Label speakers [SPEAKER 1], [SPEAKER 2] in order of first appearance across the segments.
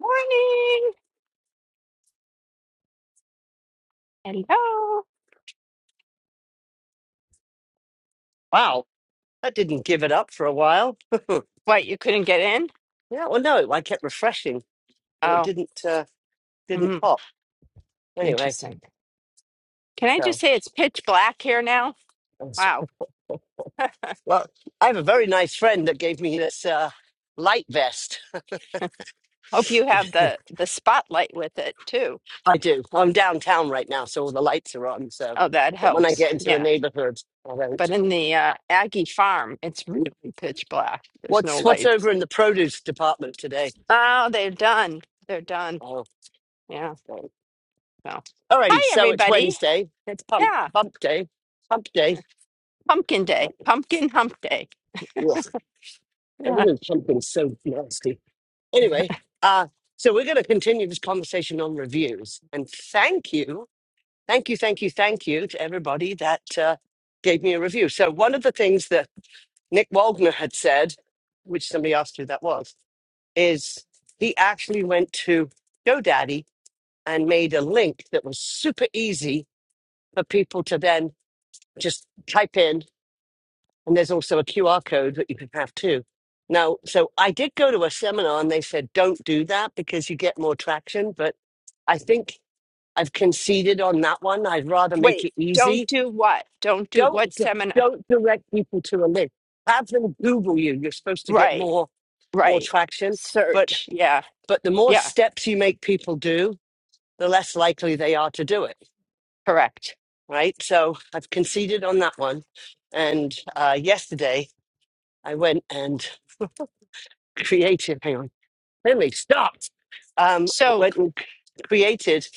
[SPEAKER 1] Morning. Hello.
[SPEAKER 2] Wow, that didn't give it up for a while. yeah,
[SPEAKER 1] What, you couldn't get in?
[SPEAKER 2] well, no, I kept refreshing and it
[SPEAKER 1] Oh,
[SPEAKER 2] didn't uh, didn't
[SPEAKER 1] mm,
[SPEAKER 2] pop. Anyway,
[SPEAKER 1] interesting. Can I
[SPEAKER 2] so
[SPEAKER 1] just say it's pitch black here now?
[SPEAKER 2] that's-
[SPEAKER 1] Wow.
[SPEAKER 2] well, I have a very nice friend that gave me this uh, light vest.
[SPEAKER 1] Hope you have the the spotlight with it too.
[SPEAKER 2] I do. I'm downtown right now, so all the lights are on. So,
[SPEAKER 1] Oh, that
[SPEAKER 2] but when I
[SPEAKER 1] helps.
[SPEAKER 2] get into the
[SPEAKER 1] Yeah.
[SPEAKER 2] neighborhood, I
[SPEAKER 1] But
[SPEAKER 2] don't.
[SPEAKER 1] in the uh, Aggie farm, it's really pitch black. There's no
[SPEAKER 2] What's what's
[SPEAKER 1] lights.
[SPEAKER 2] over in the produce department today?
[SPEAKER 1] Oh, they're done. They're done.
[SPEAKER 2] Oh,
[SPEAKER 1] Yeah.
[SPEAKER 2] no.
[SPEAKER 1] So,
[SPEAKER 2] alrighty.
[SPEAKER 1] hi
[SPEAKER 2] So it's
[SPEAKER 1] everybody.
[SPEAKER 2] Wednesday. It's pump
[SPEAKER 1] Yeah.
[SPEAKER 2] pump day. Pump day.
[SPEAKER 1] Pumpkin day. Pumpkin
[SPEAKER 2] Ugh,
[SPEAKER 1] hump day. Yeah.
[SPEAKER 2] everything's pumping so nasty. Anyway, uh, so we're going to continue this conversation on reviews. And thank you, thank you, thank you, thank you to everybody that uh, gave me a review. So, one of the things that Nick Waldner had said, which somebody asked who that was, is he actually went to GoDaddy and made a link that was super easy for people to then just type in And there's also a QR code that you can have too. Now, so I did go to a seminar and they said, don't do that because you get more traction. But I think I've conceded on that one. I'd rather make
[SPEAKER 1] Wait.
[SPEAKER 2] it
[SPEAKER 1] Don't
[SPEAKER 2] easy.
[SPEAKER 1] do what? Don't do
[SPEAKER 2] Don't,
[SPEAKER 1] what
[SPEAKER 2] d-
[SPEAKER 1] seminar?
[SPEAKER 2] don't direct people to a link. Have them Google you. You're supposed to get
[SPEAKER 1] Right.
[SPEAKER 2] more, more
[SPEAKER 1] Right.
[SPEAKER 2] traction. But,
[SPEAKER 1] Search. Yeah.
[SPEAKER 2] but the more
[SPEAKER 1] Yeah.
[SPEAKER 2] steps you make people do, the less likely they are to do it.
[SPEAKER 1] Correct.
[SPEAKER 2] Right. So I've conceded on that one. And uh, yesterday I went and creative. Hang on. Then we stopped. Um,
[SPEAKER 1] So
[SPEAKER 2] went and created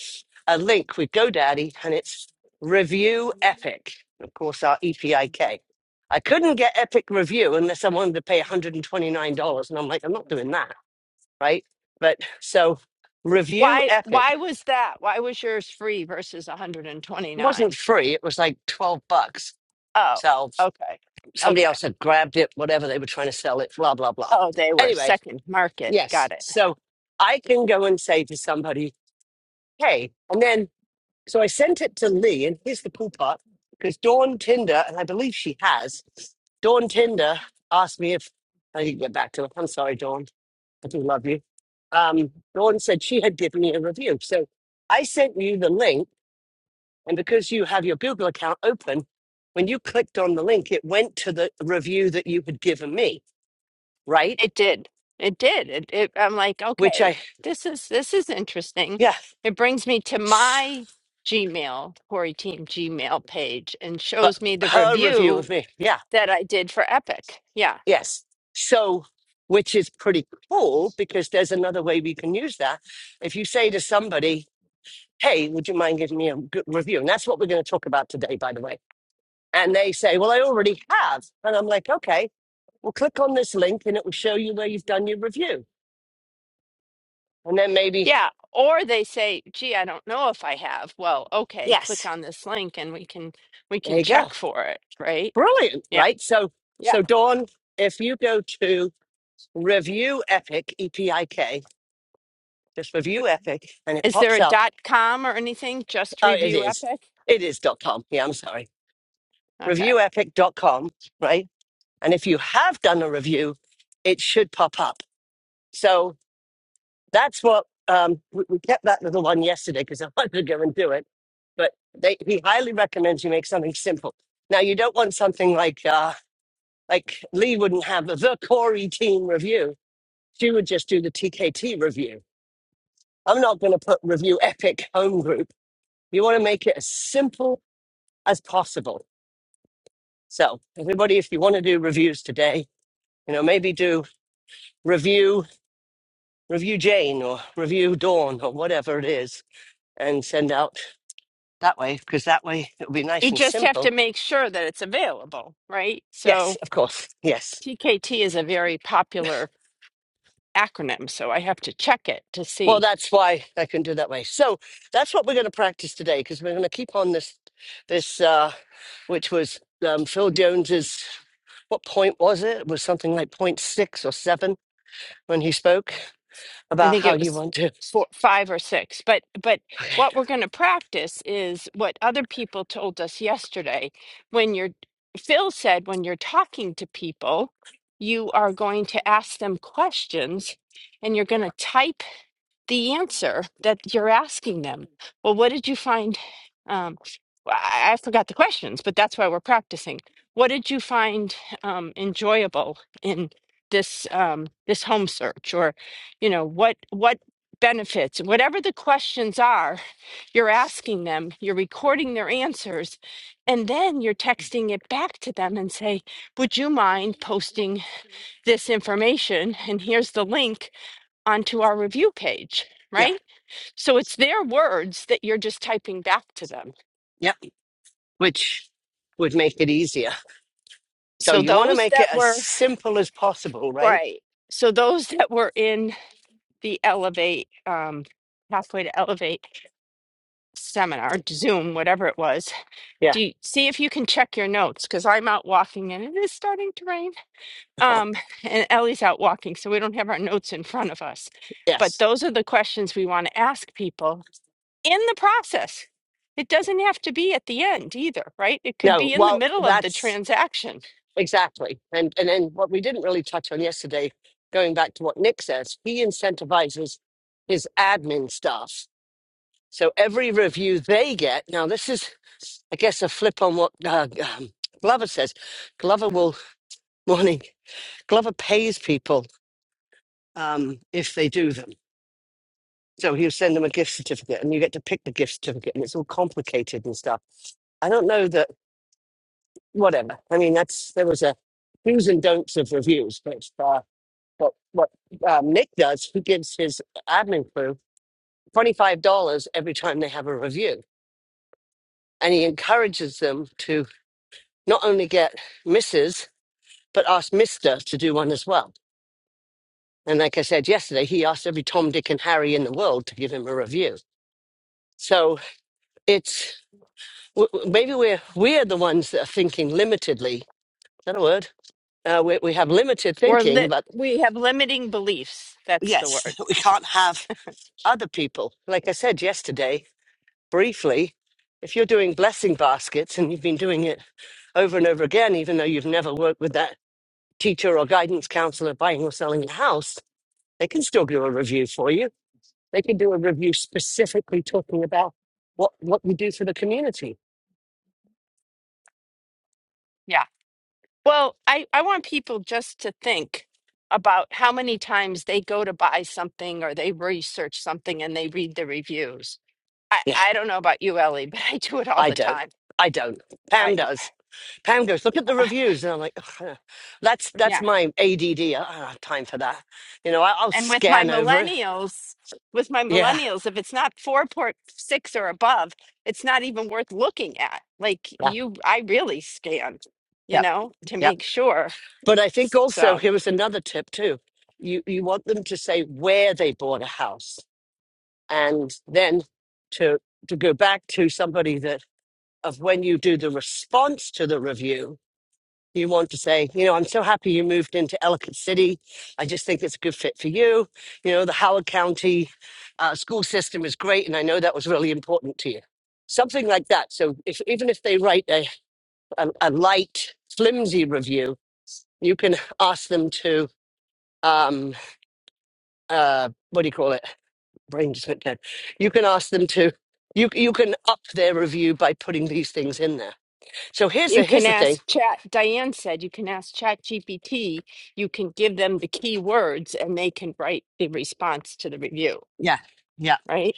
[SPEAKER 2] a link with GoDaddy, and it's Review Epic. Of course, our E P I K. I couldn't get Epic Review unless I wanted to pay $129, and I'm like, I'm not doing that, right? But so Review
[SPEAKER 1] why
[SPEAKER 2] Epic
[SPEAKER 1] why was that? Why was yours free versus
[SPEAKER 2] wasn't
[SPEAKER 1] 129?
[SPEAKER 2] free; it was like 12 bucks.
[SPEAKER 1] Oh,
[SPEAKER 2] So
[SPEAKER 1] okay.
[SPEAKER 2] somebody
[SPEAKER 1] Okay.
[SPEAKER 2] else had grabbed it, whatever they were trying to sell it, blah blah blah.
[SPEAKER 1] Oh, they were
[SPEAKER 2] Anyway,
[SPEAKER 1] second market. Got
[SPEAKER 2] yes,
[SPEAKER 1] it.
[SPEAKER 2] so I can go and say to somebody, "Hey," and then So I sent it to Lee, and here's the cool part because Dawn Tinder, and I believe she has, Dawn Tinder asked me if I didn't get back to her. I'm sorry, Dawn. I do love you. Um, Dawn said she had given me a review. So I sent you the link, and because you have your Google account open, when you clicked on the link, it went to the review that you had given me, right?
[SPEAKER 1] It did. It did. It, it I'm like,
[SPEAKER 2] Which
[SPEAKER 1] okay,
[SPEAKER 2] I,
[SPEAKER 1] this is this is interesting.
[SPEAKER 2] yeah,
[SPEAKER 1] It brings me to my Gmail, Corey Team Gmail page and
[SPEAKER 2] but
[SPEAKER 1] shows me the
[SPEAKER 2] her review
[SPEAKER 1] review
[SPEAKER 2] of me. Yeah.
[SPEAKER 1] that I did for Epic. Yeah.
[SPEAKER 2] Yes. So, which is pretty cool because there's another way we can use that. If you say to somebody, Hey, would you mind giving me a good review? And that's what we're going to talk about today, by the way. And they say, Well, I already have. And I'm like, Okay, well, click on this link and it will show you where you've done your review. And then maybe,
[SPEAKER 1] Yeah. Or they say, gee, I don't know if I have. Well, okay, click
[SPEAKER 2] Yes,
[SPEAKER 1] on this link and we can we
[SPEAKER 2] there
[SPEAKER 1] can
[SPEAKER 2] you go.
[SPEAKER 1] check for it, right?
[SPEAKER 2] Brilliant,
[SPEAKER 1] Yeah.
[SPEAKER 2] right? So,
[SPEAKER 1] Yeah.
[SPEAKER 2] so Dawn, if you go to review epic, E P I K, just review epic, and it
[SPEAKER 1] Is there
[SPEAKER 2] pops
[SPEAKER 1] a
[SPEAKER 2] up
[SPEAKER 1] dot com or anything? Just
[SPEAKER 2] Oh, it
[SPEAKER 1] review
[SPEAKER 2] is.
[SPEAKER 1] Epic?
[SPEAKER 2] It is dot .com. Yeah, I'm sorry.
[SPEAKER 1] Okay.
[SPEAKER 2] review epic dot com, right? And if you have done a review, it should pop up. So that's what um, we, we kept that little one yesterday because I wanted to go and do it. But they, he highly recommends you make something simple. Now you don't want something like uh, like Lee wouldn't have a the Corey team review. She would just do the TKT review. I'm not going to put review epic home group. You want to make it as simple as possible So everybody, if you want to do reviews today, you know, maybe do review review Jane or review Dawn or whatever it is, and send out that way because that way it'll be nice
[SPEAKER 1] You
[SPEAKER 2] and
[SPEAKER 1] just have to
[SPEAKER 2] simple.
[SPEAKER 1] make sure that it's available, right?
[SPEAKER 2] Yes,
[SPEAKER 1] So
[SPEAKER 2] of course. Yes.
[SPEAKER 1] TKT is a very popular acronym, so I have to check it to
[SPEAKER 2] Well,
[SPEAKER 1] see.
[SPEAKER 2] that's why I can do that way. So that's what we're going to practice today because we're going to keep on this this uh, which was um, Phil Jones's. What point was it? It was something like point six or seven when he spoke
[SPEAKER 1] I
[SPEAKER 2] about
[SPEAKER 1] think
[SPEAKER 2] how
[SPEAKER 1] it
[SPEAKER 2] you
[SPEAKER 1] was
[SPEAKER 2] want to.
[SPEAKER 1] four, five or six. But but what
[SPEAKER 2] Okay.
[SPEAKER 1] we're going to practice is what other people told us yesterday. When you're Phil said when you're talking to people, you are going to ask them questions, and you're going to type the answer that you're asking them. Well, what did you find? Um, I, I forgot the questions, but that's why we're practicing. What did you find um, enjoyable in this um, this home search, or you know what what benefits, whatever the questions are, you're asking them. You're recording their answers, and then you're texting it back to them and say, "Would you mind posting this information? And here's the link onto our review page."
[SPEAKER 2] Yeah.
[SPEAKER 1] Right? So it's their words that you're just typing back to them.
[SPEAKER 2] yeah. which would make it easier. So
[SPEAKER 1] So
[SPEAKER 2] you want to
[SPEAKER 1] those
[SPEAKER 2] make
[SPEAKER 1] that
[SPEAKER 2] it as
[SPEAKER 1] were
[SPEAKER 2] simple as possible, right?
[SPEAKER 1] right. So those that were in the Elevate um, Pathway to Elevate seminar, Zoom, whatever it was.
[SPEAKER 2] Yeah.
[SPEAKER 1] Do you, see if you can check your notes because I'm out walking and it is starting to rain. Um, and Ellie's out walking, so we don't have our notes in front of us. But
[SPEAKER 2] Yes.
[SPEAKER 1] those are the questions we want to ask people in the process. It doesn't have to be at the end either, right? It could
[SPEAKER 2] No.
[SPEAKER 1] be in the
[SPEAKER 2] Well,
[SPEAKER 1] middle of the
[SPEAKER 2] that's
[SPEAKER 1] transaction
[SPEAKER 2] exactly. And and then what we didn't really touch on yesterday, going back to what Nick says, he incentivizes his admin staff. So every review they get now, this is I guess a flip on what uh, um, Glover says. Glover will morning. Glover pays people um, if they do them. So he'll send them a gift certificate and you get to pick the gift certificate and it's all complicated and stuff. I don't know that, whatever. I mean, that's, there was a do's and don'ts of reviews, but, uh, but what um, Nick does, he gives his admin crew $25 every time they have a review. And he encourages them to not only get Mrs., but ask Mr. to do one as well. And like I said yesterday, he asked every Tom, Dick, and Harry in the world to give him a review. So it's w- w- maybe we're we're the ones that are thinking limitedly. Is that a word? Uh, we, we have limited
[SPEAKER 1] we're
[SPEAKER 2] thinking
[SPEAKER 1] li-
[SPEAKER 2] about
[SPEAKER 1] we have limiting beliefs that's the
[SPEAKER 2] yes,
[SPEAKER 1] word
[SPEAKER 2] we can't have other people. Like I said yesterday, briefly, if you're doing blessing baskets and you've been doing it over and over again, even though you've never worked with that teacher or guidance counselor buying or selling a house, they can still do a review for you They can do a review specifically talking about what, what we do for the community.
[SPEAKER 1] yeah well i i want people just to think about how many times they go to buy something or they research something and they read the reviews i
[SPEAKER 2] Yeah,
[SPEAKER 1] i don't know about you ellie but i do it all
[SPEAKER 2] I
[SPEAKER 1] the
[SPEAKER 2] don't.
[SPEAKER 1] time
[SPEAKER 2] I don't.
[SPEAKER 1] i
[SPEAKER 2] Pam
[SPEAKER 1] d-
[SPEAKER 2] does. Pam goes, look at the
[SPEAKER 1] uh,
[SPEAKER 2] reviews, and I'm like, "Ugh, that's that's
[SPEAKER 1] yeah
[SPEAKER 2] my ADD. I don't have time for that. You know, I, I'll
[SPEAKER 1] and with my
[SPEAKER 2] scan over it.
[SPEAKER 1] millennials with my
[SPEAKER 2] Yeah,
[SPEAKER 1] millennials if it's not 4.6 or above it's not even worth looking at like
[SPEAKER 2] yeah,
[SPEAKER 1] you i really scan you
[SPEAKER 2] yep,
[SPEAKER 1] know
[SPEAKER 2] yep.
[SPEAKER 1] to make sure
[SPEAKER 2] But I think also
[SPEAKER 1] so
[SPEAKER 2] here was another tip too. You you want them to say where they bought a house, and then to to go back to somebody that of when you do the response to the review, you want to say, you know, I'm so happy you moved into Ellicott City. I just think it's a good fit for you. You know, the Howard County uh, school system is great, and I know that was really important to you. Something like that. So if even if they write a a, a light, flimsy review, you can ask them to um uh what do you call it brain just went dead you can ask them to you you can up their review by putting these things in there so here's
[SPEAKER 1] You
[SPEAKER 2] the
[SPEAKER 1] can
[SPEAKER 2] here's the thing
[SPEAKER 1] ask Chat, Diane said you can ask Chat GPT, you can give them the key words and they can write the response to the review,
[SPEAKER 2] yeah yeah
[SPEAKER 1] right?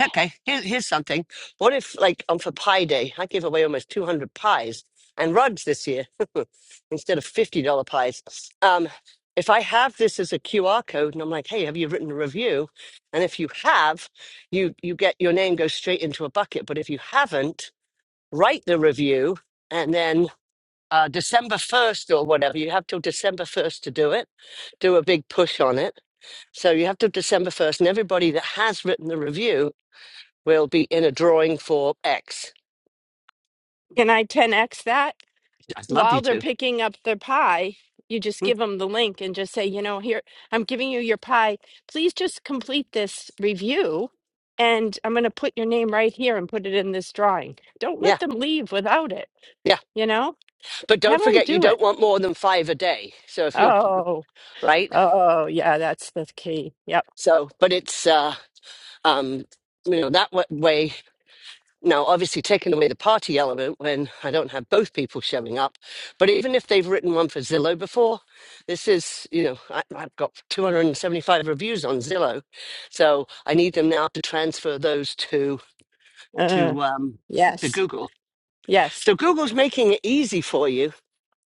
[SPEAKER 2] okay Here, here's something what if like on for pie day i gave away almost 200 pies and rugs this year instead of $50 pies um if i have this as a qr code and i'm like hey have you written a review and if you have you you get your name goes straight into a bucket but if you haven't write the review and then uh, December 1st or whatever, you have till December 1st to do it, do a big push on it. So you have till December 1st, and everybody that has written the review will be in a drawing for X.
[SPEAKER 1] Can I 10x that?
[SPEAKER 2] I'd love you
[SPEAKER 1] While they're
[SPEAKER 2] to.
[SPEAKER 1] picking up their pie, you just
[SPEAKER 2] Hmm.
[SPEAKER 1] give them the link and just say, you know, here, I'm giving you your pie. Please just complete this review and I'm going to put your name right here and put it in this drawing. Don't let
[SPEAKER 2] Yeah,
[SPEAKER 1] them leave without it,
[SPEAKER 2] yeah.
[SPEAKER 1] you know?
[SPEAKER 2] But
[SPEAKER 1] Have
[SPEAKER 2] don't
[SPEAKER 1] them
[SPEAKER 2] forget, you
[SPEAKER 1] do it.
[SPEAKER 2] don't want more than five a day. So if you're
[SPEAKER 1] Oh,
[SPEAKER 2] right,
[SPEAKER 1] oh, yeah, that's the key. Yep.
[SPEAKER 2] so, but it's, uh, um, you know, that wa- way Now, obviously, taking away the party element when I don't have both people showing up, but even if they've written one for Zillow before, this is, you know, I, I've got 275 reviews on Zillow, so I need them now to transfer those to
[SPEAKER 1] uh,
[SPEAKER 2] to um, to
[SPEAKER 1] Yes.
[SPEAKER 2] Google.
[SPEAKER 1] Yes.
[SPEAKER 2] So Google's making it easy for you.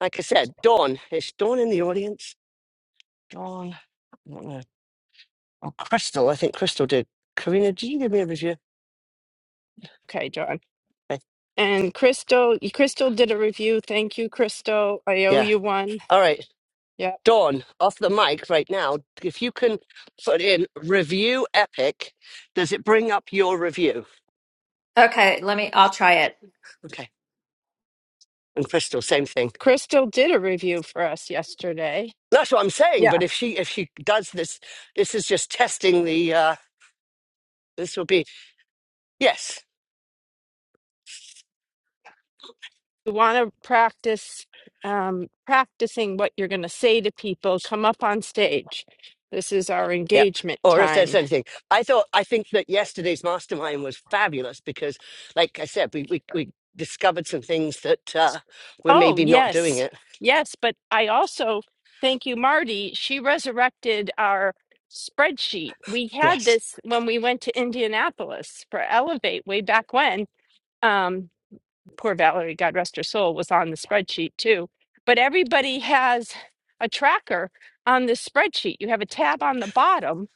[SPEAKER 2] Like I said, Dawn is Dawn in the audience. Dawn, I don't know. Oh, Crystal, I think Crystal did. Karina, do you give me a review?
[SPEAKER 1] Okay, John.
[SPEAKER 2] Okay.
[SPEAKER 1] And Crystal, Crystal did a review. Thank you, Crystal. I owe
[SPEAKER 2] Yeah.
[SPEAKER 1] you one.
[SPEAKER 2] All right.
[SPEAKER 1] Yep.
[SPEAKER 2] Dawn, off the mic right now, if you can put in review epic, does it bring up your review?
[SPEAKER 3] Okay, let me, I'll try it.
[SPEAKER 2] Okay. And Crystal, same thing.
[SPEAKER 1] Crystal did a review for us yesterday.
[SPEAKER 2] That's what I'm saying,
[SPEAKER 1] Yeah.
[SPEAKER 2] but if she if she does this, this is just testing the uh this will be yes.
[SPEAKER 1] You want to practice um, practicing what you're going to say to people. Come up on stage. This is our
[SPEAKER 2] Yep.
[SPEAKER 1] engagement
[SPEAKER 2] Or if
[SPEAKER 1] time.
[SPEAKER 2] there's anything. I thought I think that yesterday's mastermind was fabulous because like I said, we we, we discovered some things that uh we're
[SPEAKER 1] Oh,
[SPEAKER 2] maybe not doing
[SPEAKER 1] yes.
[SPEAKER 2] it.
[SPEAKER 1] Yes. But I also, thank you, Marty. She resurrected our spreadsheet. We had
[SPEAKER 2] Yes.
[SPEAKER 1] this when we went to Indianapolis for Elevate way back when. Um, poor Valerie, God rest her soul, was on the spreadsheet too. But everybody has a tracker on this spreadsheet. You have a tab on the bottom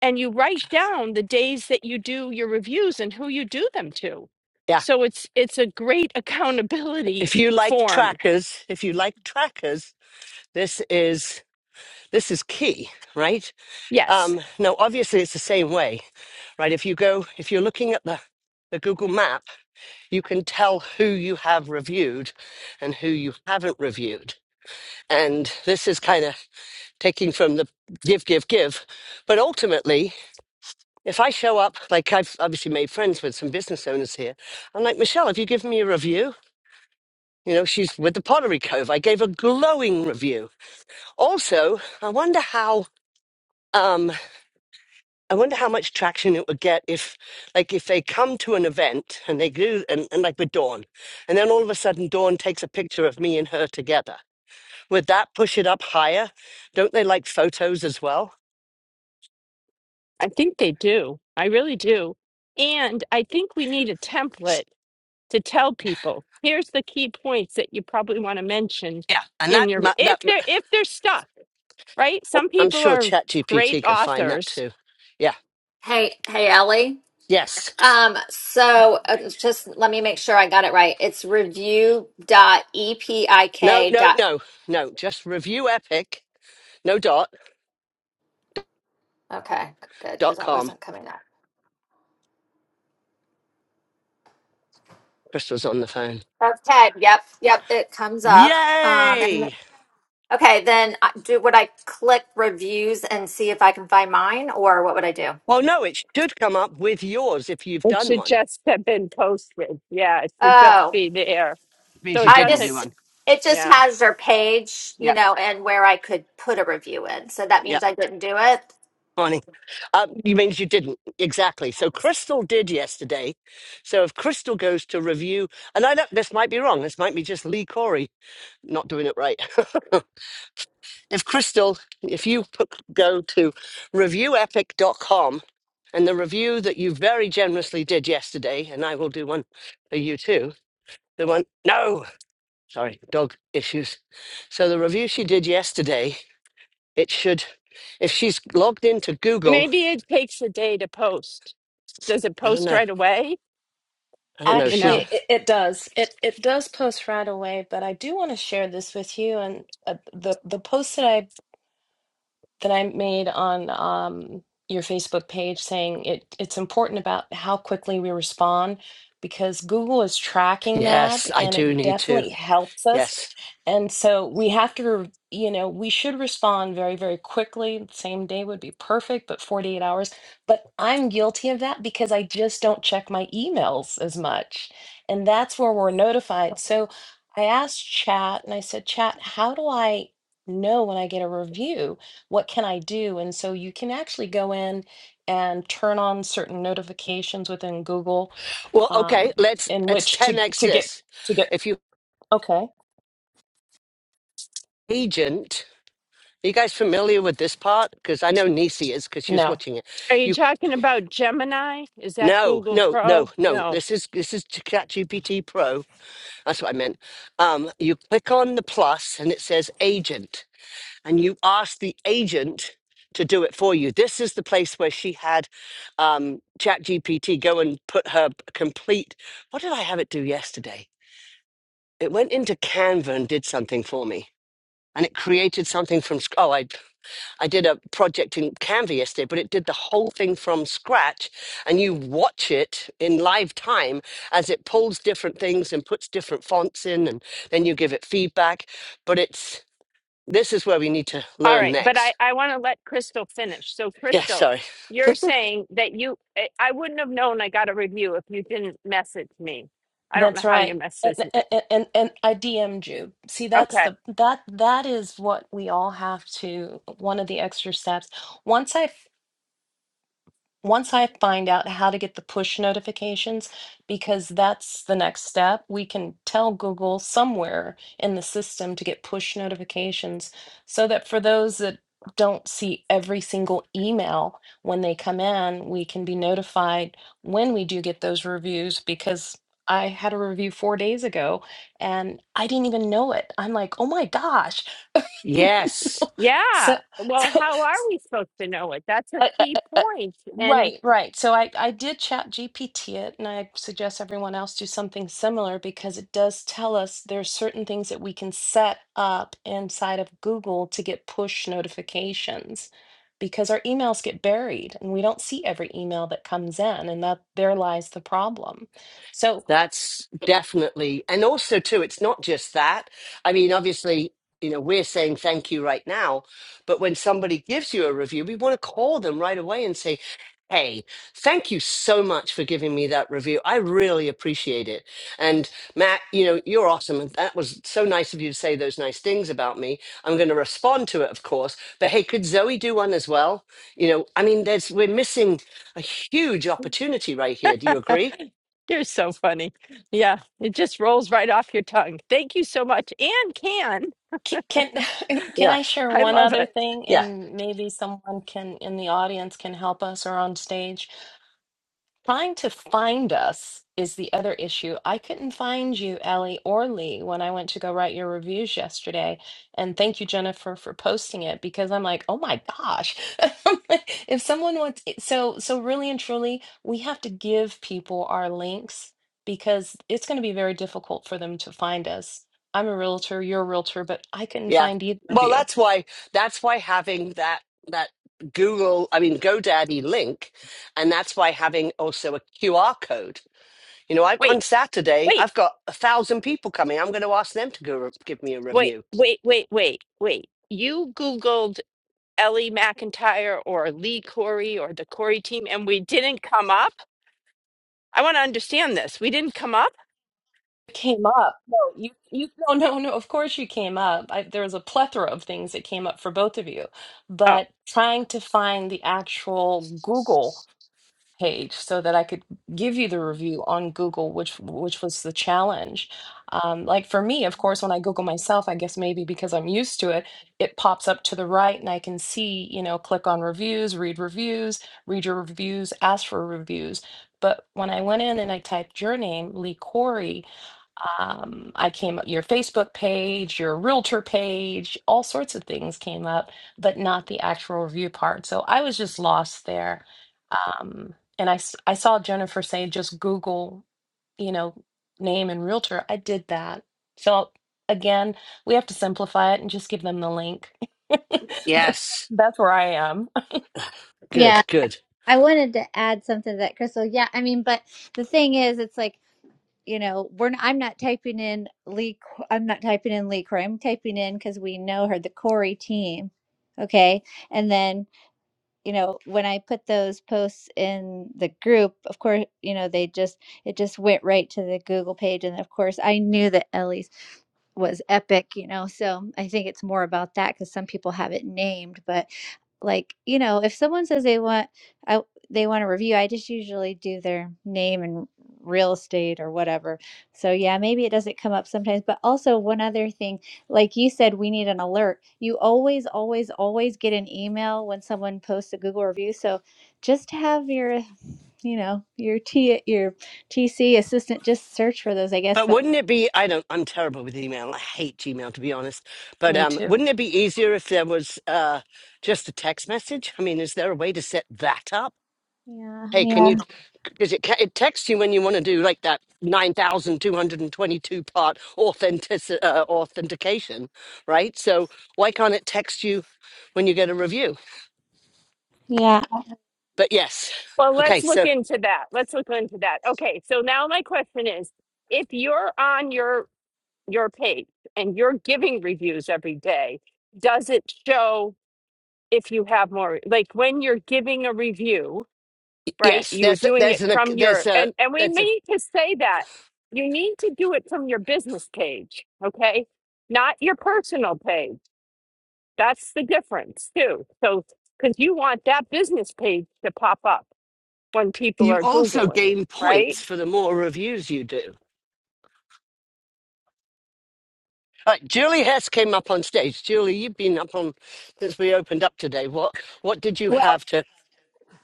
[SPEAKER 1] and you write down the days that you do your reviews and who you do them to.
[SPEAKER 2] Yeah.
[SPEAKER 1] So it's it's a great accountability
[SPEAKER 2] If you like
[SPEAKER 1] form.
[SPEAKER 2] trackers, if you like trackers, This is this is key, right?
[SPEAKER 1] Yes.
[SPEAKER 2] Um, now, obviously, it's the same way, right? If you go, if you're looking at the the Google Map, you can tell who you have reviewed and who you haven't reviewed. And this is kind of taking from the give, give, give. But ultimately, if I show up, like I've obviously made friends with some business owners here, I'm like, Michelle, have you given me a review? You know, she's with the Pottery Cove. I gave a glowing review. Also, I wonder how. um, I wonder how much traction it would get if, like, if they come to an event and they do, and, and like with Dawn, and then all of a sudden Dawn takes a picture of me and her together. Would that push it up higher? Don't they like photos as well?
[SPEAKER 1] I think they do. I really do. And I think we need a template to tell people, here's the key points that you probably want to mention
[SPEAKER 2] Yeah, and
[SPEAKER 1] in
[SPEAKER 2] that
[SPEAKER 1] your
[SPEAKER 2] mu-
[SPEAKER 1] if
[SPEAKER 2] that mu-
[SPEAKER 1] they're if they're stuck, right? Some
[SPEAKER 2] I'm
[SPEAKER 1] people
[SPEAKER 2] sure
[SPEAKER 1] are great
[SPEAKER 2] ChatGPT can find that
[SPEAKER 1] authors.
[SPEAKER 2] too. Yeah.
[SPEAKER 3] Hey, hey, Ellie.
[SPEAKER 2] Yes.
[SPEAKER 3] Um, so uh, just let me make sure I got it right. It's review.epik. dot- E P I
[SPEAKER 2] No.
[SPEAKER 3] K
[SPEAKER 2] No.
[SPEAKER 3] dot.
[SPEAKER 2] No. No. Just review Epic. No dot
[SPEAKER 3] Okay, good, because
[SPEAKER 2] dot
[SPEAKER 3] that
[SPEAKER 2] com.
[SPEAKER 3] wasn't coming up.
[SPEAKER 2] Crystal's on the phone.
[SPEAKER 3] Okay, yep, yep, it comes up. Um, and
[SPEAKER 2] Yay!
[SPEAKER 3] okay, then I- do would I click reviews and see if I can find mine, or what would I do?
[SPEAKER 2] Well, no, it should come up with yours if you've
[SPEAKER 1] It
[SPEAKER 2] done
[SPEAKER 1] should
[SPEAKER 2] one.
[SPEAKER 1] just have been posted. Yeah, it should just
[SPEAKER 3] Oh,
[SPEAKER 1] be there. So
[SPEAKER 2] Means you
[SPEAKER 1] it
[SPEAKER 3] I
[SPEAKER 2] didn't
[SPEAKER 1] doesn't
[SPEAKER 2] do
[SPEAKER 3] just
[SPEAKER 2] one.
[SPEAKER 3] it just
[SPEAKER 1] yeah.
[SPEAKER 3] has their page, you
[SPEAKER 2] Yep,
[SPEAKER 3] know, and where I could put a review in. So that means
[SPEAKER 2] yep,
[SPEAKER 3] I didn't do it.
[SPEAKER 2] funny. Um, you means you didn't exactly. So Crystal did yesterday. So if Crystal goes to review, and I don't, this might be wrong. This might be just Lee Corey not doing it right. if Crystal, if you put, go to review epic dot com, and the review that you very generously did yesterday, and I will do one for you too. The one, no, sorry, dog issues. So the review she did yesterday, it should, if she's logged into Google,
[SPEAKER 1] Maybe it takes a day to post. Does it
[SPEAKER 2] I don't
[SPEAKER 1] post
[SPEAKER 2] know
[SPEAKER 1] right away?
[SPEAKER 2] I don't know.
[SPEAKER 1] You
[SPEAKER 2] She's a
[SPEAKER 1] know.
[SPEAKER 4] Actually, it, it does. It it does post right away, but I do want to share this with you. And uh, the the post that I that I made on um, your Facebook page saying it, it's important about how quickly we respond because Google is tracking that
[SPEAKER 2] yes. I
[SPEAKER 4] and
[SPEAKER 2] do
[SPEAKER 4] it
[SPEAKER 2] need to.
[SPEAKER 4] definitely helps us.
[SPEAKER 2] Yes.
[SPEAKER 4] And so we have to, re- you know, we should respond very, very quickly. Same day would be perfect, but 48 hours. But I'm guilty of that because I just don't check my emails as much. And that's where we're notified. So I asked Chat and I said, Chat, how do I know when I get a review? what can I do? And so you can actually go in and turn on certain notifications within Google
[SPEAKER 2] Well,
[SPEAKER 4] um,
[SPEAKER 2] okay. Let's
[SPEAKER 4] in
[SPEAKER 2] let's
[SPEAKER 4] which
[SPEAKER 2] ten
[SPEAKER 4] to
[SPEAKER 2] x
[SPEAKER 4] to get
[SPEAKER 2] this.
[SPEAKER 4] to get
[SPEAKER 2] If you
[SPEAKER 4] okay.
[SPEAKER 2] agent, are you guys familiar with this part? Because I know Nisi is because she was
[SPEAKER 4] No,
[SPEAKER 2] watching it.
[SPEAKER 1] Are you
[SPEAKER 2] You
[SPEAKER 1] talking about Gemini? Is that
[SPEAKER 2] no
[SPEAKER 1] Google
[SPEAKER 2] no no
[SPEAKER 1] Pro?
[SPEAKER 2] no.
[SPEAKER 1] No.
[SPEAKER 2] This is this is ChatGPT Pro. That's what I meant. Um, you click on the plus and it says agent. and you ask the agent to do it for you. This is the place where she had um, ChatGPT go and put her complete. What did I have it do yesterday? It went into Canva and did something for me, and it created something from. sc- Oh, I I did a project in Canva yesterday, but it did the whole thing from scratch, and you watch it in live time as it pulls different things and puts different fonts in, and then you give it feedback. But it's this is where we need to
[SPEAKER 1] All
[SPEAKER 2] learn
[SPEAKER 1] right, but
[SPEAKER 2] next
[SPEAKER 1] I, I want to let Crystal finish. So,
[SPEAKER 2] Yeah,
[SPEAKER 1] Crystal,
[SPEAKER 2] sorry.
[SPEAKER 1] you're saying that you, I I wouldn't have known I got a review if you didn't message me. I don't know
[SPEAKER 4] that's
[SPEAKER 1] how you
[SPEAKER 4] right. And,
[SPEAKER 1] messaged me.
[SPEAKER 4] and and and I DM'd you. See, that's
[SPEAKER 1] Okay.
[SPEAKER 4] the that that is what we all have to. One of the extra steps. Once I once I find out how to get the push notifications, because that's the next step, we can tell Google somewhere in the system to get push notifications so that for those that don't see every single email when they come in, we can be notified when we do get those reviews because. I had a review four days ago and I didn't even know it. I'm like, oh my gosh.
[SPEAKER 2] Yes.
[SPEAKER 4] so,
[SPEAKER 1] Yeah. Well,
[SPEAKER 4] so
[SPEAKER 1] how are we supposed to know it? That's a
[SPEAKER 4] uh, uh,
[SPEAKER 1] key
[SPEAKER 4] uh, uh,
[SPEAKER 1] point. And
[SPEAKER 4] Right, right. So I, I did chat GPT it, and I suggest everyone else do something similar because it does tell us there's certain things that we can set up inside of Google to get push notifications because our emails get buried and we don't see every email that comes in, and that there lies the problem. So
[SPEAKER 2] That's definitely, and also too, it's not just that. I mean, obviously, you know, we're saying thank you right now, but when somebody gives you a review, we want to call them right away and say, Hey, thank you so much for giving me that review. I really appreciate it. And Matt, you know, you're awesome. And that was so nice of you to say those nice things about me. I'm going to respond to it, of course. But hey, could Zoe do one as well? You know, I mean, there's, we're missing a huge opportunity right here. Do you agree?
[SPEAKER 1] you're so funny. Yeah. It just rolls right off your tongue. Thank you so much. And can.
[SPEAKER 4] c- can can
[SPEAKER 2] Yeah.
[SPEAKER 4] I share
[SPEAKER 1] I
[SPEAKER 4] one
[SPEAKER 1] love
[SPEAKER 4] other
[SPEAKER 1] it.
[SPEAKER 4] thing,
[SPEAKER 2] Yeah.
[SPEAKER 4] and maybe someone can in the audience can help us or on stage? Trying to find us is the other issue. I couldn't find you, Ellie or Lee, when I went to go write your reviews yesterday. And thank you, Jennifer, for posting it because I'm like, oh my gosh. If someone wants so so really and truly, we have to give people our links because it's going to be very difficult for them to find us. I'm a realtor, you're a realtor, but I couldn't
[SPEAKER 2] Yeah.
[SPEAKER 4] find either of
[SPEAKER 2] Well,
[SPEAKER 4] you.
[SPEAKER 2] that's why that's why having that that Google, I mean GoDaddy link, and that's why having also a QR code. You know, I,
[SPEAKER 1] Wait,
[SPEAKER 2] on Saturday
[SPEAKER 1] wait,
[SPEAKER 2] I've got a thousand people coming. I'm going to ask them to go give me a
[SPEAKER 1] wait,
[SPEAKER 2] review.
[SPEAKER 1] wait, wait, wait, wait. You Googled Ellie McIntyre or Lee Corey or the Corey team, and we didn't come up. I want to understand this. We didn't come up.
[SPEAKER 4] came up. No, you, you, no, no, no. Of course you came up. I, there was a plethora of things that came up for both of you,
[SPEAKER 1] Oh,
[SPEAKER 4] but trying to find the actual Google page so that I could give you the review on Google, which which was the challenge. Um, like for me, of course, when I Google myself, I guess maybe because I'm used to it, it pops up to the right, and I can see, you know, click on reviews, read reviews, read your reviews, ask for reviews. But when I went in and I typed your name, Lee Corey, um, I came up your Facebook page, your realtor page, all sorts of things came up, but not the actual review part. So I was just lost there. Um, and I, s- I saw Jennifer say just Google, you know, name and realtor. I did that. So again, we have to simplify it and just give them the link. that's,
[SPEAKER 2] Yes,
[SPEAKER 4] that's where I am.
[SPEAKER 2] good,
[SPEAKER 5] Yeah,
[SPEAKER 2] good.
[SPEAKER 5] I wanted to add something to that, Crystal. Yeah, I mean, but the thing is, it's like, you know, we're not, I'm not typing in Lee, Qu- I'm not typing in Lee Corey. I'm typing in because we know her, the Corey team. Okay. And then, you know, when I put those posts in the group, of course, you know, they just, it just went right to the Google page. And of course, I knew that Ellie was epic, you know. So I think it's more about that because some people have it named, but like you know, if someone says they want, I they want a review, I just usually do their name and real estate or whatever. So yeah, maybe it doesn't come up sometimes. But also one other thing, like you said, we need an alert. You always, always, always get an email when someone posts a Google review. So just have your, you know, your T your TC assistant just search for those, I guess.
[SPEAKER 2] But
[SPEAKER 5] But
[SPEAKER 2] wouldn't it be? I don't. I'm terrible with email. I hate Gmail to be honest. But
[SPEAKER 4] Me
[SPEAKER 2] um,
[SPEAKER 4] too.
[SPEAKER 2] wouldn't it be easier if there was uh, just a text message? I mean, is there a way to set that up?
[SPEAKER 5] yeah,
[SPEAKER 2] Hey, can
[SPEAKER 5] yeah,
[SPEAKER 2] you? Because it ca- it texts you when you want to do like that nine thousand two hundred and twenty-two part authentic uh, authentication, right? So why can't it text you when you get a review?
[SPEAKER 5] yeah.
[SPEAKER 2] But yes,
[SPEAKER 1] well,
[SPEAKER 2] okay.
[SPEAKER 1] let's look
[SPEAKER 2] So
[SPEAKER 1] into that. Let's look into that. Okay, so now my question is: If you're on your your page and you're giving reviews every day, does it show if you have more like when you're giving a review,
[SPEAKER 2] y-
[SPEAKER 1] right?
[SPEAKER 2] yes,
[SPEAKER 1] You are
[SPEAKER 2] there's a-
[SPEAKER 1] doing it
[SPEAKER 2] there's an ac-
[SPEAKER 1] from
[SPEAKER 2] there's
[SPEAKER 1] your
[SPEAKER 2] a
[SPEAKER 1] and and we
[SPEAKER 2] there's a
[SPEAKER 1] need to say that you need to do it from your business page, okay? Not your personal page. That's the difference too. So cuz you want that business page to pop up when people
[SPEAKER 2] you
[SPEAKER 1] are
[SPEAKER 2] also
[SPEAKER 1] googling,
[SPEAKER 2] gain
[SPEAKER 1] right?
[SPEAKER 2] points for the more reviews you do. All right, Julie Hess came up on stage. Julie, you've been up on since we opened up today. What what did you
[SPEAKER 6] Well,
[SPEAKER 2] have to?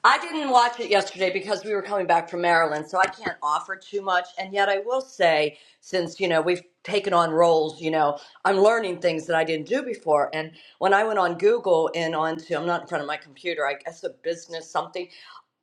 [SPEAKER 6] I didn't watch it yesterday because we were coming back from Maryland, so I can't offer too much. And yet, I will say, since you know we've taken on roles, you know, I'm learning things that I didn't do before. And when I went on Google and onto, I'm not in front of my computer, I guess a business something.